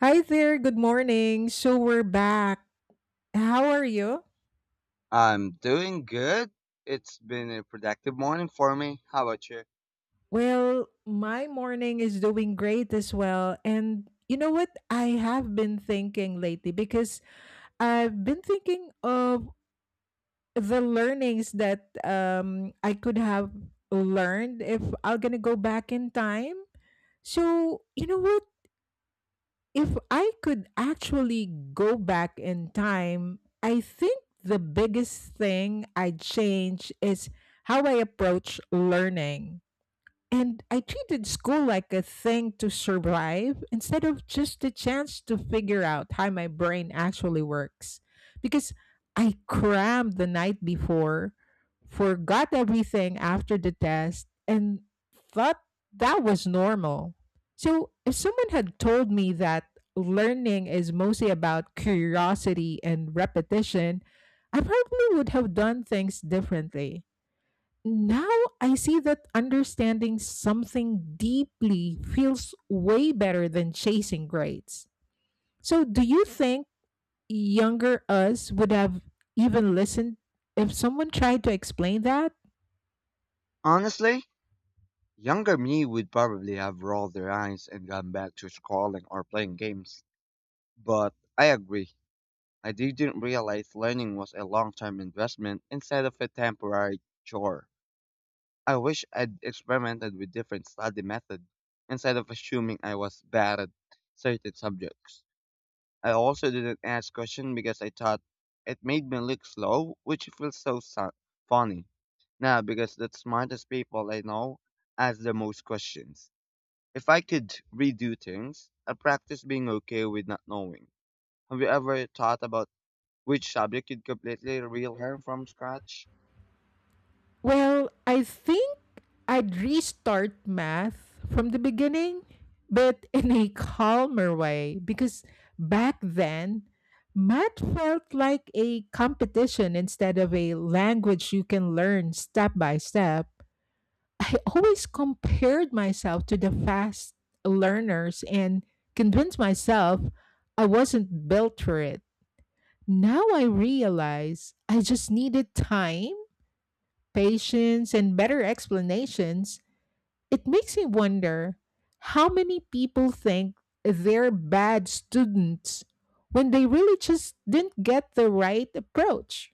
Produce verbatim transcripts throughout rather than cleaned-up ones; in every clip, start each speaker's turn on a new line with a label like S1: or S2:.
S1: Hi there, good morning. So we're back. How are you?
S2: I'm doing good. It's been a productive morning for me. How about you?
S1: Well, my morning is doing great as well. And you know what? I have been thinking lately because I've been thinking of the learnings that um, I could have learned if I'm going to go back in time. So, you know what? If I could actually go back in time, I think the biggest thing I'd change is how I approach learning. And I treated school like a thing to survive instead of just a chance to figure out how my brain actually works. Because I crammed the night before, forgot everything after the test, and thought that was normal. So if someone had told me that learning is mostly about curiosity and repetition, I probably would have done things differently. Now I see that understanding something deeply feels way better than chasing grades. So, do you think younger us would have even listened if someone tried to explain that?
S2: Honestly, younger me would probably have rolled their eyes and gone back to scrolling or playing games. But I agree. I didn't realize learning was a long-term investment instead of a temporary chore. I wish I'd experimented with different study methods instead of assuming I was bad at certain subjects. I also didn't ask questions because I thought it made me look slow, which feels so su- funny. Now, because the smartest people I know ask the most questions. If I could redo things, I practice being okay with not knowing. Have you ever thought about which subject you'd completely relearn from scratch?
S1: Well, I think I'd restart math from the beginning, but in a calmer way because back then, math felt like a competition instead of a language you can learn step by step. I always compared myself to the fast learners and convinced myself I wasn't built for it. Now I realize I just needed time, patience, and better explanations. It makes me wonder how many people think they're bad students when they really just didn't get the right approach.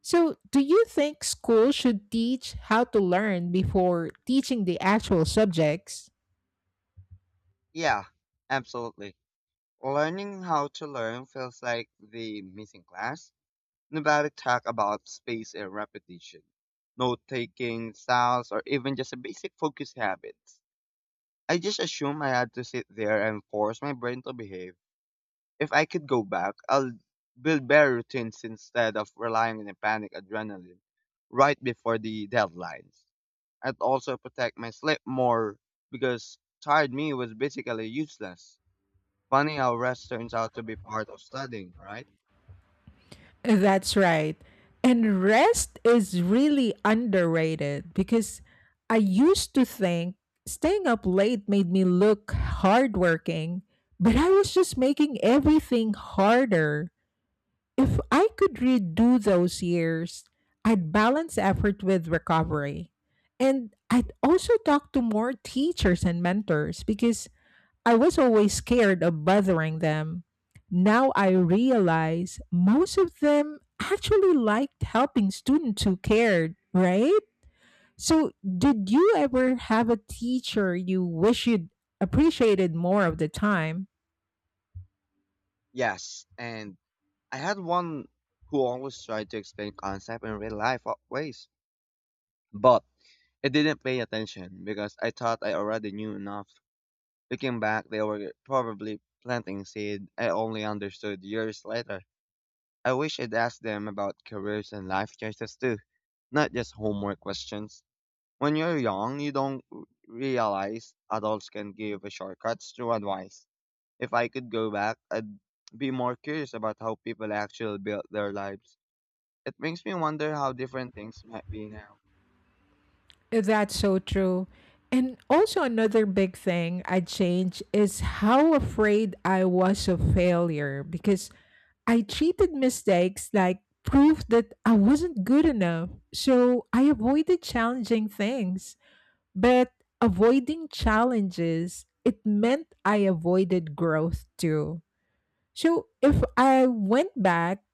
S1: So, do you think school should teach how to learn before teaching the actual subjects?
S2: Yeah, absolutely. Learning how to learn feels like the missing class Nevada talk about space and repetition, note taking, styles, or even just a basic focus habits. I just assume I had to sit there and force my brain to behave. If I could go back, I'll build better routines instead of relying on a panic adrenaline right before the deadlines. I'd also protect my sleep more because tired me was basically useless. Funny how rest turns out to be part of studying, right?
S1: That's right. And rest is really underrated because I used to think staying up late made me look hardworking, but I was just making everything harder. If I could redo those years, I'd balance effort with recovery. And I'd also talk to more teachers and mentors because I was always scared of bothering them. Now I realize most of them actually liked helping students who cared, right? So, did you ever have a teacher you wish you'd appreciated more of the time?
S2: Yes, and I had one who always tried to explain concept in real life wa- ways, but I didn't pay attention because I thought I already knew enough. Looking back, they were probably planting seed I only understood years later. I wish I'd asked them about careers and life choices too, not just homework questions. When you're young, you don't r- realize adults can give shortcuts through advice. If I could go back, I'd be more curious about how people actually built their lives. It makes me wonder how different things might be now.
S1: That's so true. And also, another big thing I changed is how afraid I was of failure because I treated mistakes like proof that I wasn't good enough. So I avoided challenging things. But avoiding challenges, it meant I avoided growth too. So if I went back,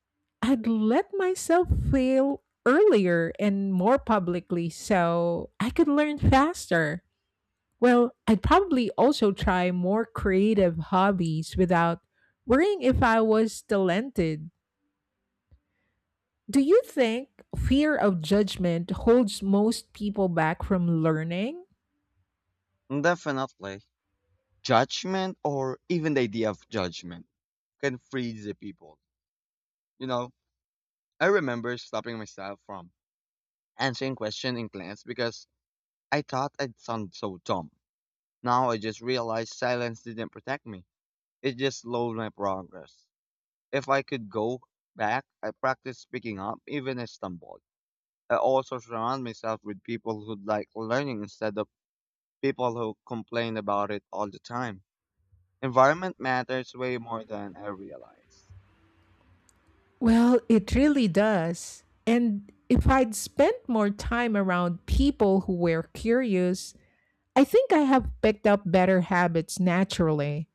S1: I'd let myself fail earlier and more publicly so I could learn faster. Well, I'd probably also try more creative hobbies without worrying if I was talented. Do you think fear of judgment holds most people back from learning?
S2: Definitely. Judgment or even the idea of judgment can freeze the people. You know, I remember stopping myself from answering questions in class because I thought I'd sound so dumb. Now I just realized silence didn't protect me. It just slowed my progress. If I could go back, I practice speaking up even I stumbled. I also surround myself with people who like learning instead of people who complain about it all the time. Environment matters way more than I realize.
S1: Well, it really does. And if I'd spent more time around people who were curious, I think I have picked up better habits naturally.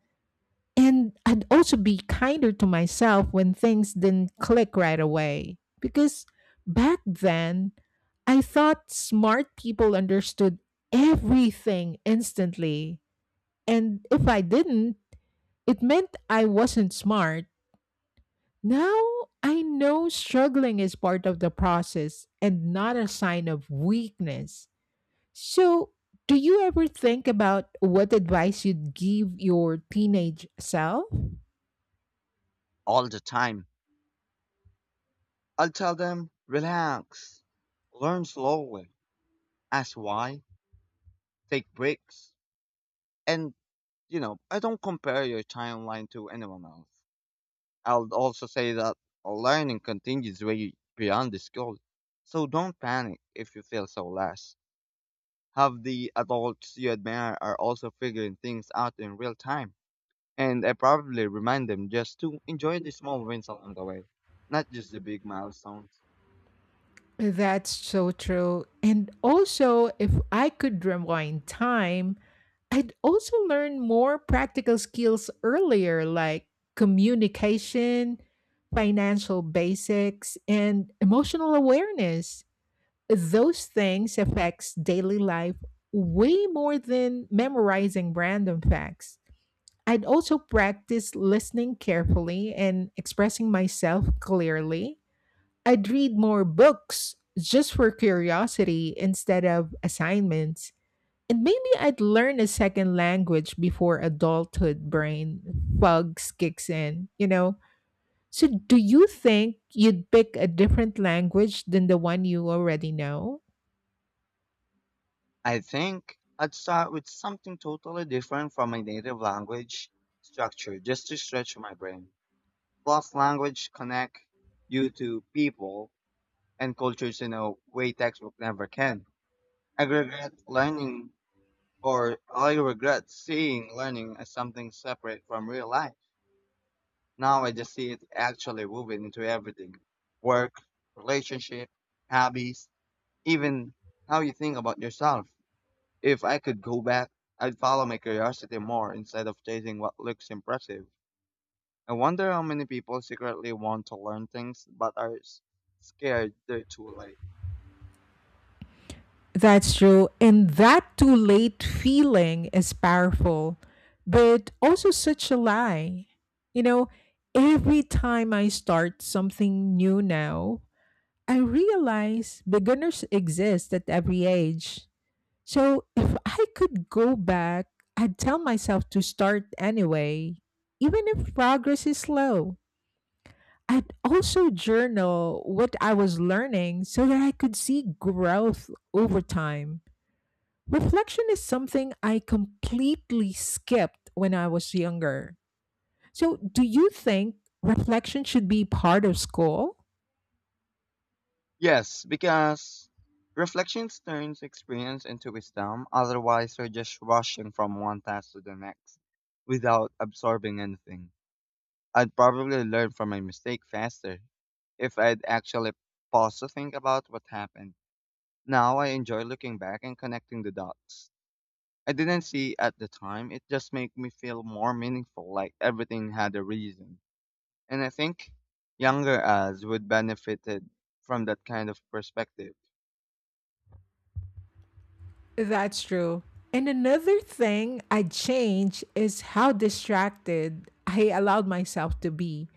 S1: And I'd also be kinder to myself when things didn't click right away. Because back then, I thought smart people understood everything instantly. And if I didn't, it meant I wasn't smart. Now I know struggling is part of the process and not a sign of weakness. So, do you ever think about what advice you'd give your teenage self?
S2: All the time. I'll tell them, relax, learn slowly, ask why, take breaks. And, you know, I don't compare your timeline to anyone else. I'll also say that learning continues way beyond the school. So don't panic if you feel so less. Have the adults you admire are also figuring things out in real time. And I probably remind them just to enjoy the small wins along the way, not just the big milestones.
S1: That's so true. And also, if I could rewind time, I'd also learn more practical skills earlier, like communication, financial basics, and emotional awareness. Those things affects daily life way more than memorizing random facts. I'd also practice listening carefully and expressing myself clearly. I'd read more books just for curiosity instead of assignments. And maybe I'd learn a second language before adulthood brain bugs kicks in, you know? So, do you think you'd pick a different language than the one you already know?
S2: I think I'd start with something totally different from my native language structure just to stretch my brain. Plus, language connect you to people and cultures in a way textbook never can. I regret learning or I regret seeing learning as something separate from real life. Now I just see it actually woven into everything work, relationship, hobbies, even how you think about yourself. If I could go back, I'd follow my curiosity more instead of chasing what looks impressive. I wonder how many people secretly want to learn things but are s- scared they're too late.
S1: That's true. And that too late feeling is powerful, but also such a lie. You know, every time I start something new now, I realize beginners exist at every age. So if I could go back, I'd tell myself to start anyway, even if progress is slow. I'd also journal what I was learning so that I could see growth over time. Reflection is something I completely skipped when I was younger. So, do you think reflection should be part of school?
S2: Yes, because reflections turns experience into wisdom, otherwise, we're just rushing from one task to the next without absorbing anything. I'd probably learn from my mistake faster if I'd actually paused to think about what happened. Now I enjoy looking back and connecting the dots. I didn't see at the time, it just makes me feel more meaningful, like everything had a reason. And I think younger us would benefited from that kind of perspective.
S1: That's true. And another thing I'd change is how distracted I allowed myself to be.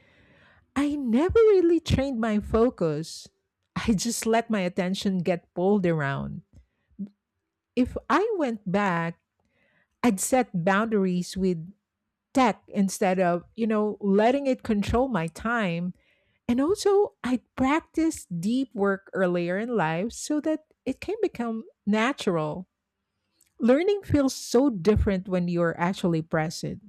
S1: I never really trained my focus. I just let my attention get pulled around. If I went back, I'd set boundaries with tech instead of, you know, letting it control my time. And also, I'd practice deep work earlier in life so that it can become natural. Learning feels so different when you're actually present.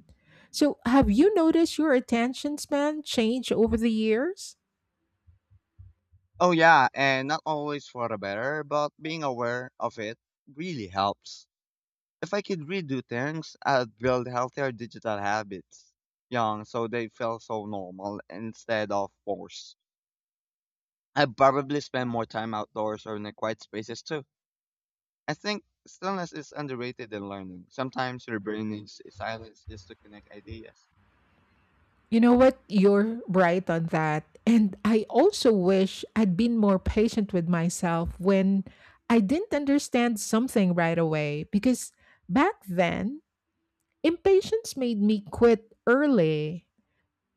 S1: So, have you noticed your attention span change over the years?
S2: Oh yeah, and not always for the better, but being aware of it really helps. If I could redo things, I'd build healthier digital habits young so they feel so normal instead of forced. I'd probably spend more time outdoors or in the quiet spaces too. I think stillness is underrated in learning. Sometimes your brain needs silence just to connect ideas.
S1: You know what? You're right on that. And I also wish I'd been more patient with myself when I didn't understand something right away because back then, impatience made me quit early.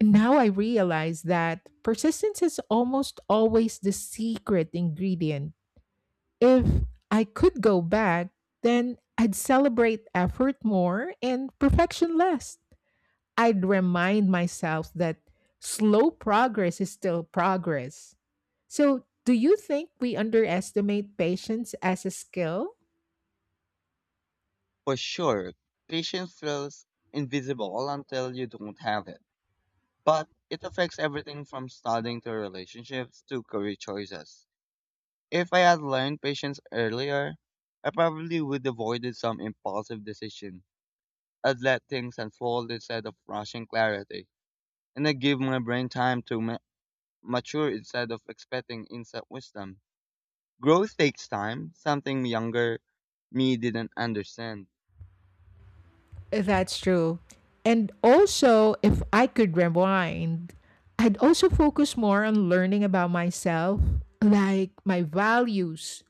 S1: Now I realize that persistence is almost always the secret ingredient. If I could go back, then I'd celebrate effort more and perfection less. I'd remind myself that slow progress is still progress. So, do you think we underestimate patience as a skill?
S2: For sure, patience feels invisible until you don't have it, but it affects everything from studying to relationships to career choices. If I had learned patience earlier, I probably would avoided some impulsive decision. I'd let things unfold instead of rushing clarity, and I'd give my brain time to ma- mature instead of expecting instant wisdom. Growth takes time, something younger me didn't understand.
S1: That's true. And also, if I could rewind, I'd also focus more on learning about myself, like my values,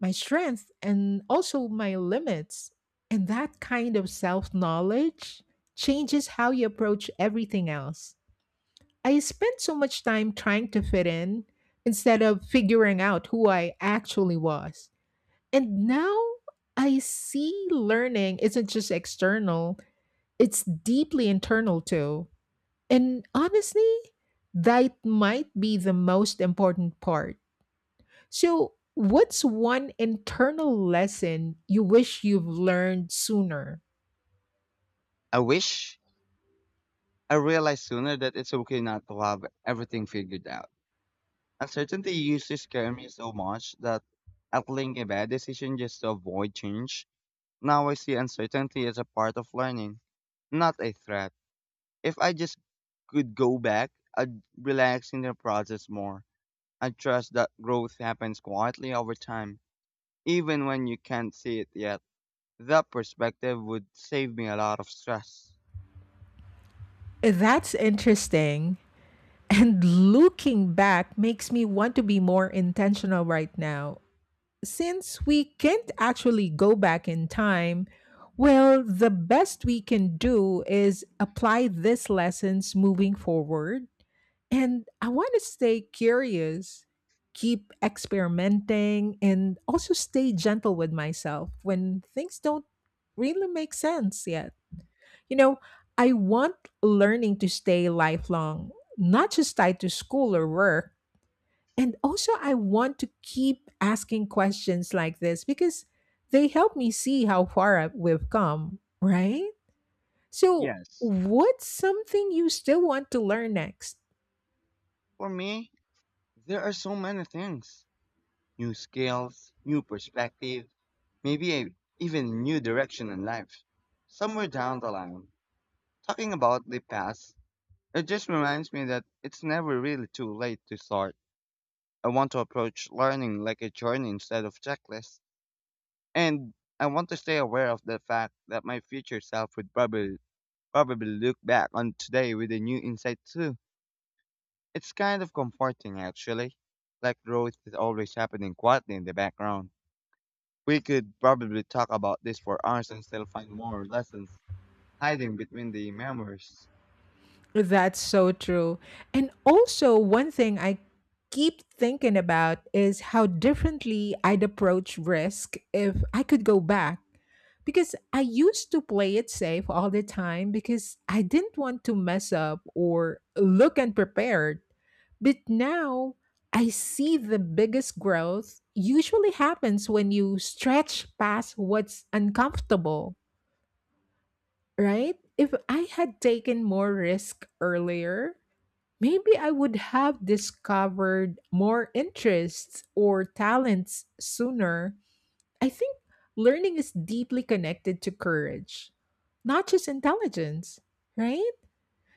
S1: my strengths, and also my limits. And that kind of self knowledge changes how you approach everything else. I spent so much time trying to fit in instead of figuring out who I actually was. And now I see learning isn't just external, it's deeply internal too. And honestly, that might be the most important part. So, what's one internal lesson you wish you've learned sooner?
S2: I wish I realized sooner that it's okay not to have everything figured out. Uncertainty used to scare me so much that I'd link a bad decision just to avoid change. Now I see uncertainty as a part of learning, not a threat. If I just could go back, I'd relax in the process more. I trust that growth happens quietly over time, even when you can't see it yet. That perspective would save me a lot of stress.
S1: That's interesting. And looking back makes me want to be more intentional right now. Since we can't actually go back in time, well, the best we can do is apply these lessons moving forward. And I want to stay curious, keep experimenting, and also stay gentle with myself when things don't really make sense yet. You know, I want learning to stay lifelong, not just tied to school or work. And also, I want to keep asking questions like this because they help me see how far I- we've come, right? So,
S2: Yes,
S1: what's something you still want to learn next?
S2: for me, there are so many things new skills, new perspective, maybe a, even new direction in life. Somewhere down the line, talking about the past, it just reminds me that it's never really too late to start. I want to approach learning like a journey instead of checklists. And I want to stay aware of the fact that my future self would probably probably look back on today with a new insight too. It's kind of comforting actually. Like growth is always happening quietly in the background. We could probably talk about this for hours and still find more lessons hiding between the memories.
S1: That's so true. And also, one thing I keep thinking about is how differently I'd approach risk if I could go back. Because I used to play it safe all the time because I didn't want to mess up or look unprepared. But now I see the biggest growth usually happens when you stretch past what's uncomfortable, right? If I had taken more risk earlier, maybe I would have discovered more interests or talents sooner. I think learning is deeply connected to courage, not just intelligence, right?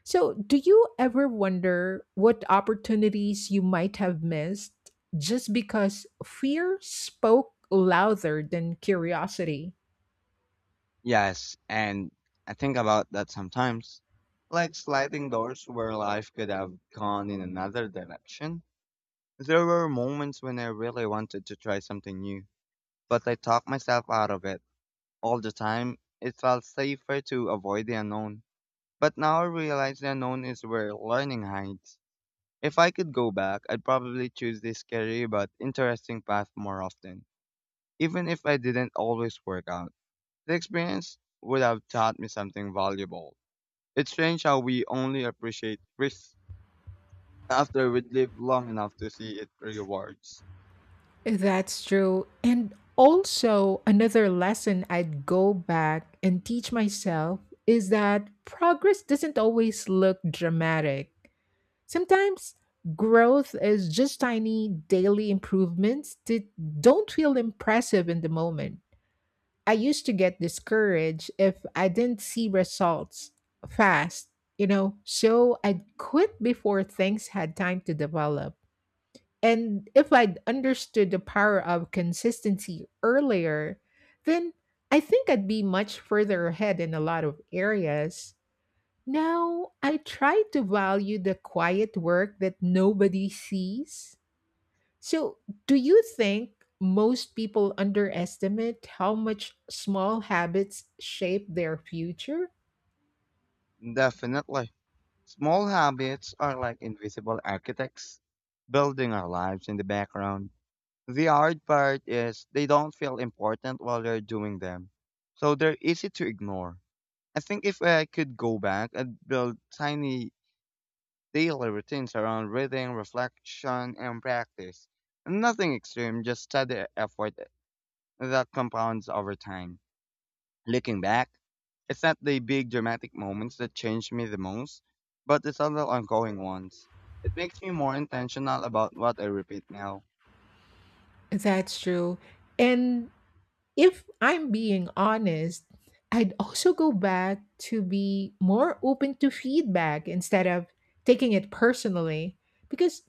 S1: So, do you ever wonder what opportunities you might have missed just because fear spoke louder than curiosity?
S2: Yes, and I think about that sometimes. Like sliding doors where life could have gone in another direction. There were moments when I really wanted to try something new, but I talked myself out of it. All the time, it felt safer to avoid the unknown. But now I realize the unknown is where learning hides. If I could go back, I'd probably choose this scary but interesting path more often, even if I didn't always work out. The experience would have taught me something valuable. It's strange how we only appreciate risk after we live long enough to see its rewards.
S1: That's true. And also, another lesson I'd go back and teach myself is that progress doesn't always look dramatic. Sometimes growth is just tiny daily improvements that don't feel impressive in the moment. I used to get discouraged if I didn't see results fast, you know, so I'd quit before things had time to develop. And if I'd understood the power of consistency earlier, then I think I'd be much further ahead in a lot of areas. Now, I try to value the quiet work that nobody sees. So, do you think most people underestimate how much small habits shape their future?
S2: Definitely. Small habits are like invisible architects, building our lives in the background. The hard part is they don't feel important while you're doing them, so they're easy to ignore. I think if I could go back and build tiny daily routines around reading, reflection, and practice, nothing extreme, just steady effort that compounds over time. Looking back, it's not the big dramatic moments that changed me the most, but the subtle ongoing ones. It makes me more intentional about what I repeat now.
S1: That's true. And if I'm being honest, I'd also go back to be more open to feedback instead of taking it personally because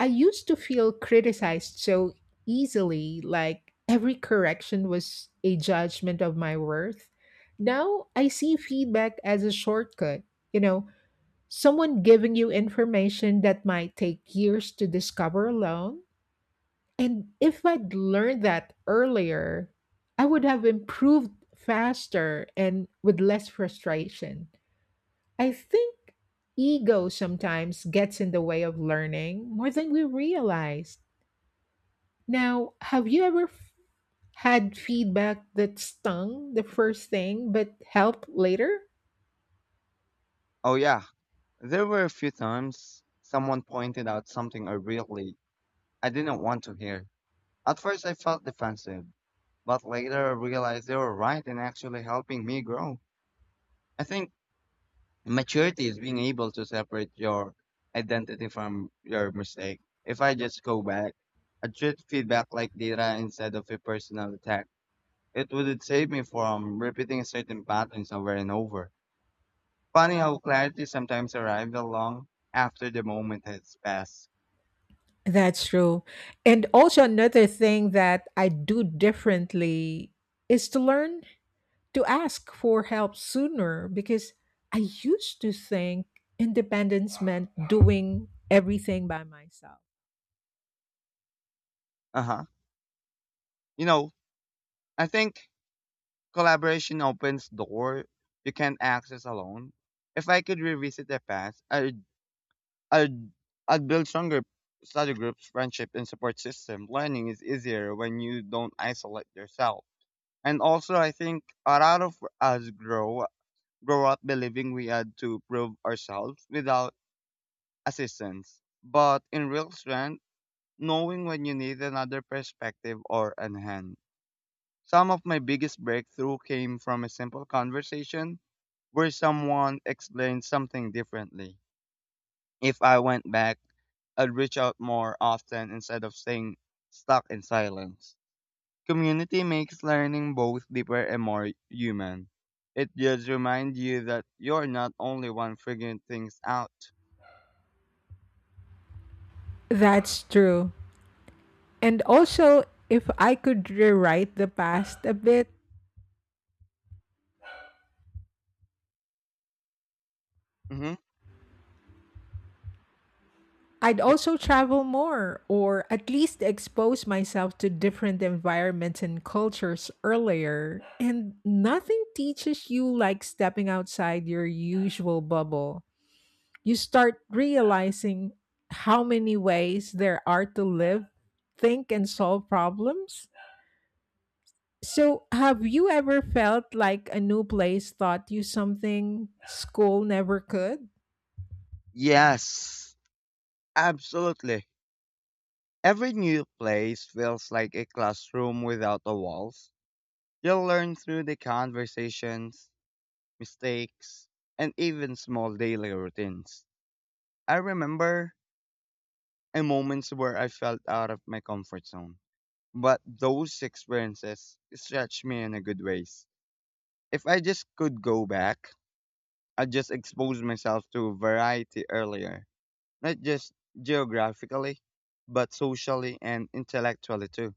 S1: I used to feel criticized so easily, like every correction was a judgment of my worth. Now I see feedback as a shortcut, you know, someone giving you information that might take years to discover alone, and if I'd learned that earlier, I would have improved faster and with less frustration. I think ego sometimes gets in the way of learning more than we realize. Now, have you ever f- had feedback that stung the first thing but helped later?
S2: Oh yeah, there were a few times someone pointed out something I really I didn't want to hear. At first I felt defensive, but later I realized they were right and actually helping me grow. I think maturity is being able to separate your identity from your mistake. If I just go back, I treat feedback like data instead of a personal attack. It would save me from repeating certain patterns over and over. Funny how clarity sometimes arrives long after the moment has passed.
S1: That's true. And also, another thing that I do differently is to learn to ask for help sooner because I used to think independence meant doing everything by myself.
S2: Uh huh. You know, I think collaboration opens door you can't access alone. If I could revisit the past, i I'd I'd build stronger study groups, friendship, and support system. Learning is easier when you don't isolate yourself. And also, I think a lot of us grow grow up believing we had to prove ourselves without assistance. But in real strength, knowing when you need another perspective or an hand. Some of my biggest breakthrough came from a simple conversation where someone explained something differently. If I went back, I'd reach out more often instead of staying stuck in silence. Community makes learning both deeper and more human. It just reminds you that you're not only one figuring things out.
S1: That's true. And also, if I could rewrite the past a bit,
S2: Hmm,
S1: I'd also travel more or at least expose myself to different environments and cultures earlier. And nothing teaches you like stepping outside your usual bubble. You start realizing how many ways there are to live, think, and solve problems. So, have you ever felt like a new place taught you something school never could?
S2: yes, absolutely. Every new place feels like a classroom without the walls. You'll learn through the conversations, mistakes, and even small daily routines. I remember and moments where I felt out of my comfort zone. But those experiences stretched me in a good ways. If I just could go back, I'd just expose myself to variety earlier, not just geographically, but socially and intellectually too.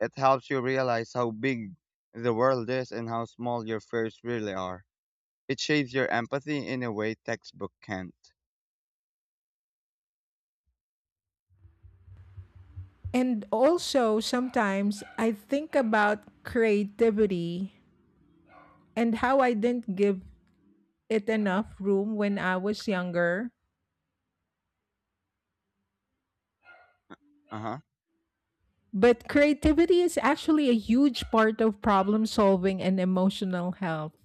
S2: It helps you realize how big the world is and how small your fears really are. It shapes your empathy in a way textbook can't.
S1: And also, sometimes I think about creativity and how I didn't give it enough room when I was younger.
S2: Uh huh.
S1: But creativity is actually a huge part of problem solving and emotional health.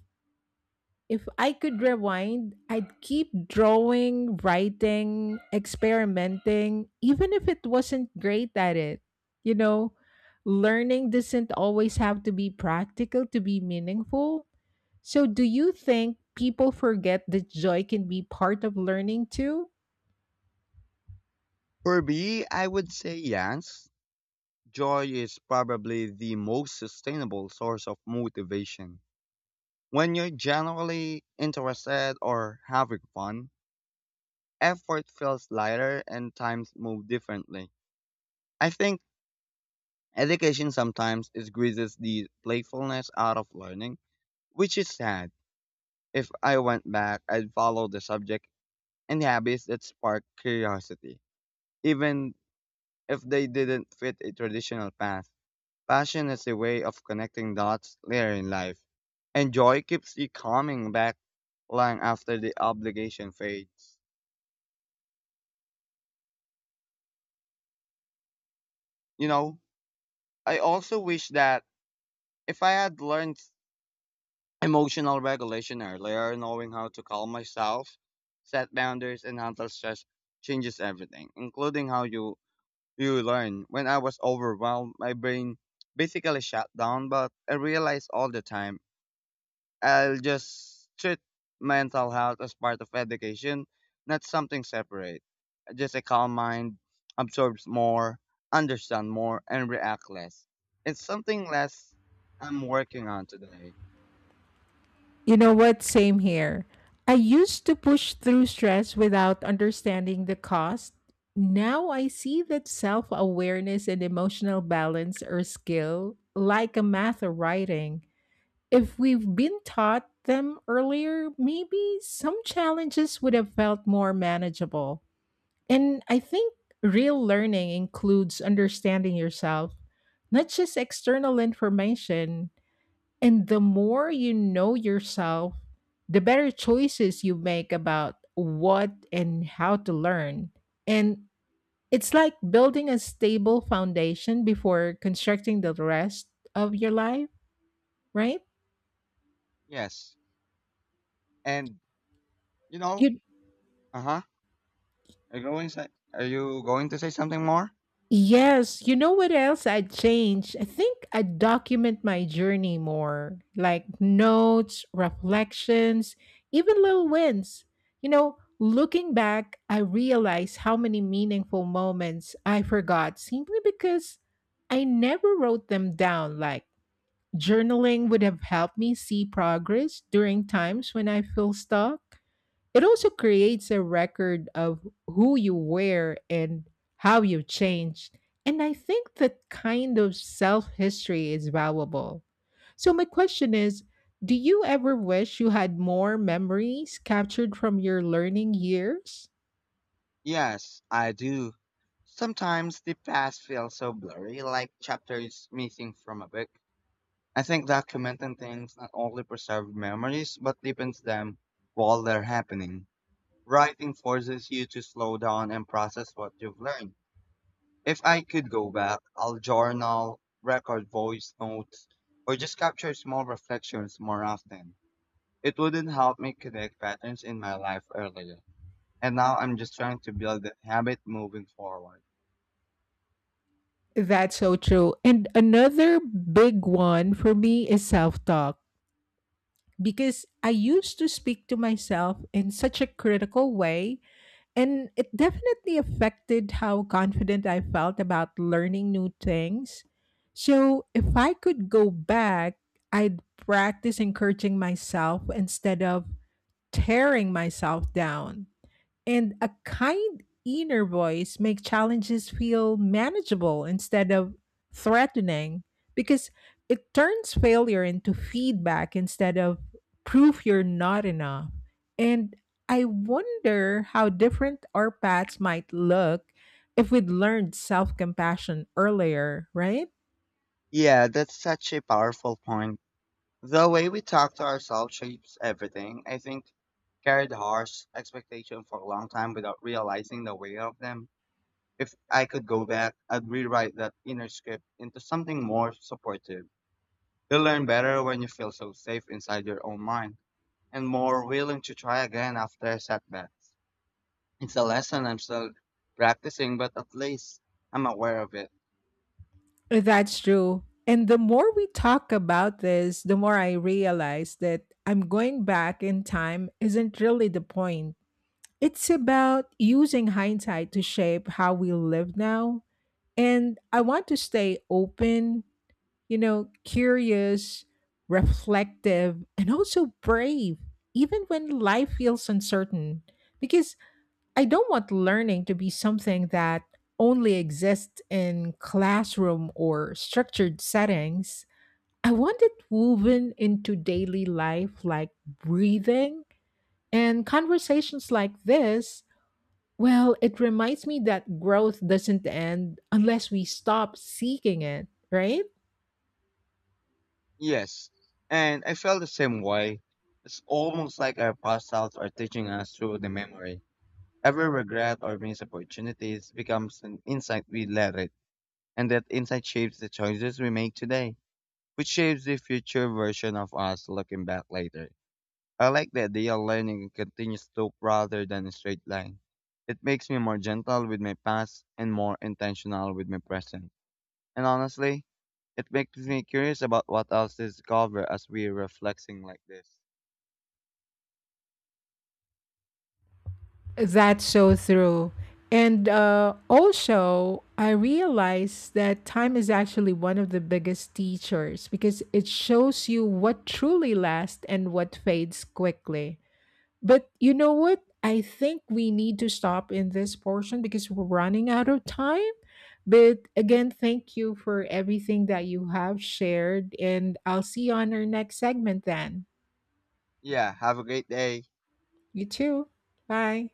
S1: If I could rewind, I'd keep drawing, writing, experimenting, even if it wasn't great at it. You know, learning doesn't always have to be practical to be meaningful. So, do you think people forget that joy can be part of learning too?
S2: For me, I would say yes. Joy is probably the most sustainable source of motivation. When you're generally interested or having fun, effort feels lighter and times move differently. I think education sometimes is squeezes the playfulness out of learning, which is sad. If I went back, I'd follow the subject and habits that spark curiosity, even if they didn't fit a traditional path. Passion is a way of connecting dots later in life, and joy keeps you coming back long after the obligation fades. You know, I also wish that if I had learned emotional regulation earlier, knowing how to calm myself, set boundaries, and handle stress changes everything, including how you you learn. When I was overwhelmed, my brain basically shut down, but I realized all the time I'll just treat mental health as part of education, not something separate. Just a calm mind absorbs more, understand more, and react less. It's something less I'm working on today.
S1: You know what? Same here. I used to push through stress without understanding the cost. Now I see that self awareness and emotional balance are skill like a math or writing. If we've been taught them earlier, maybe some challenges would have felt more manageable. And I think real learning includes understanding yourself, not just external information. And the more you know yourself, the better choices you make about what and how to learn. And it's like building a stable foundation before constructing the rest of your life, right?
S2: Yes. And you know,
S1: You.
S2: uh huh. Are you going say, are you going to say something more?
S1: Yes, you know what else I'd change? I think I'd document my journey more, like notes, reflections, even little wins. You know, looking back, I realize how many meaningful moments I forgot simply because I never wrote them down. Like journaling would have helped me see progress during times when I feel stuck. It also creates a record of who you were and how you changed. And I think that kind of self history is valuable. So, my question is, do you ever wish you had more memories captured from your learning years?
S2: Yes, I do. Sometimes the past feels so blurry, like chapters missing from a book. I think documenting things not only preserve memories but deepens them while they're happening. Writing forces you to slow down and process what you've learned. If I could go back, I'll journal, record voice notes, or just capture small reflections more often. It wouldn't help me connect patterns in my life earlier. And now I'm just trying to build that habit moving forward.
S1: That's so true. And another big one for me is self talk because I used to speak to myself in such a critical way, and it definitely affected how confident I felt about learning new things. So if I could go back, I'd practice encouraging myself instead of tearing myself down, and a kind inner voice make challenges feel manageable instead of threatening because it turns failure into feedback instead of proof you're not enough. And I wonder how different our paths might look if we'd learned self compassion earlier, right?
S2: Yeah, that's such a powerful point. The way we talk to ourselves shapes everything. I think carried harsh expectation for a long time without realizing the weight of them. If I could go back, I'd rewrite that inner script into something more supportive. You learn better when you feel so safe inside your own mind and more willing to try again after a setback. It's a lesson I'm still practicing, but at least I'm aware of it.
S1: That's true. And the more we talk about this, the more I realize that I'm going back in time isn't really the point. It's about using hindsight to shape how we live now. And I want to stay open, you know, curious, reflective, and also brave, even when life feels uncertain. Because I don't want learning to be something that only exists in classroom or structured settings. I want it woven into daily life like breathing, and conversations like this, well, it reminds me that growth doesn't end unless we stop seeking it, right?
S2: Yes. And I feel the same way. It's almost like our past selves are teaching us through the memory. Every regret or missed opportunities becomes an insight we let it, and that insight shapes the choices we make today, which shapes the future version of us looking back later. I like the idea of learning a continuous slope rather than a straight line. It makes me more gentle with my past and more intentional with my present. And honestly, it makes me curious about what else is covered as we're reflecting like this.
S1: That's so true. And uh, also, I realized that time is actually one of the biggest teachers because it shows you what truly lasts and what fades quickly. But you know what? I think we need to stop in this portion because we're running out of time. But again, thank you for everything that you have shared, and I'll see you on our next segment then.
S2: Yeah, have a great day.
S1: You too. Bye.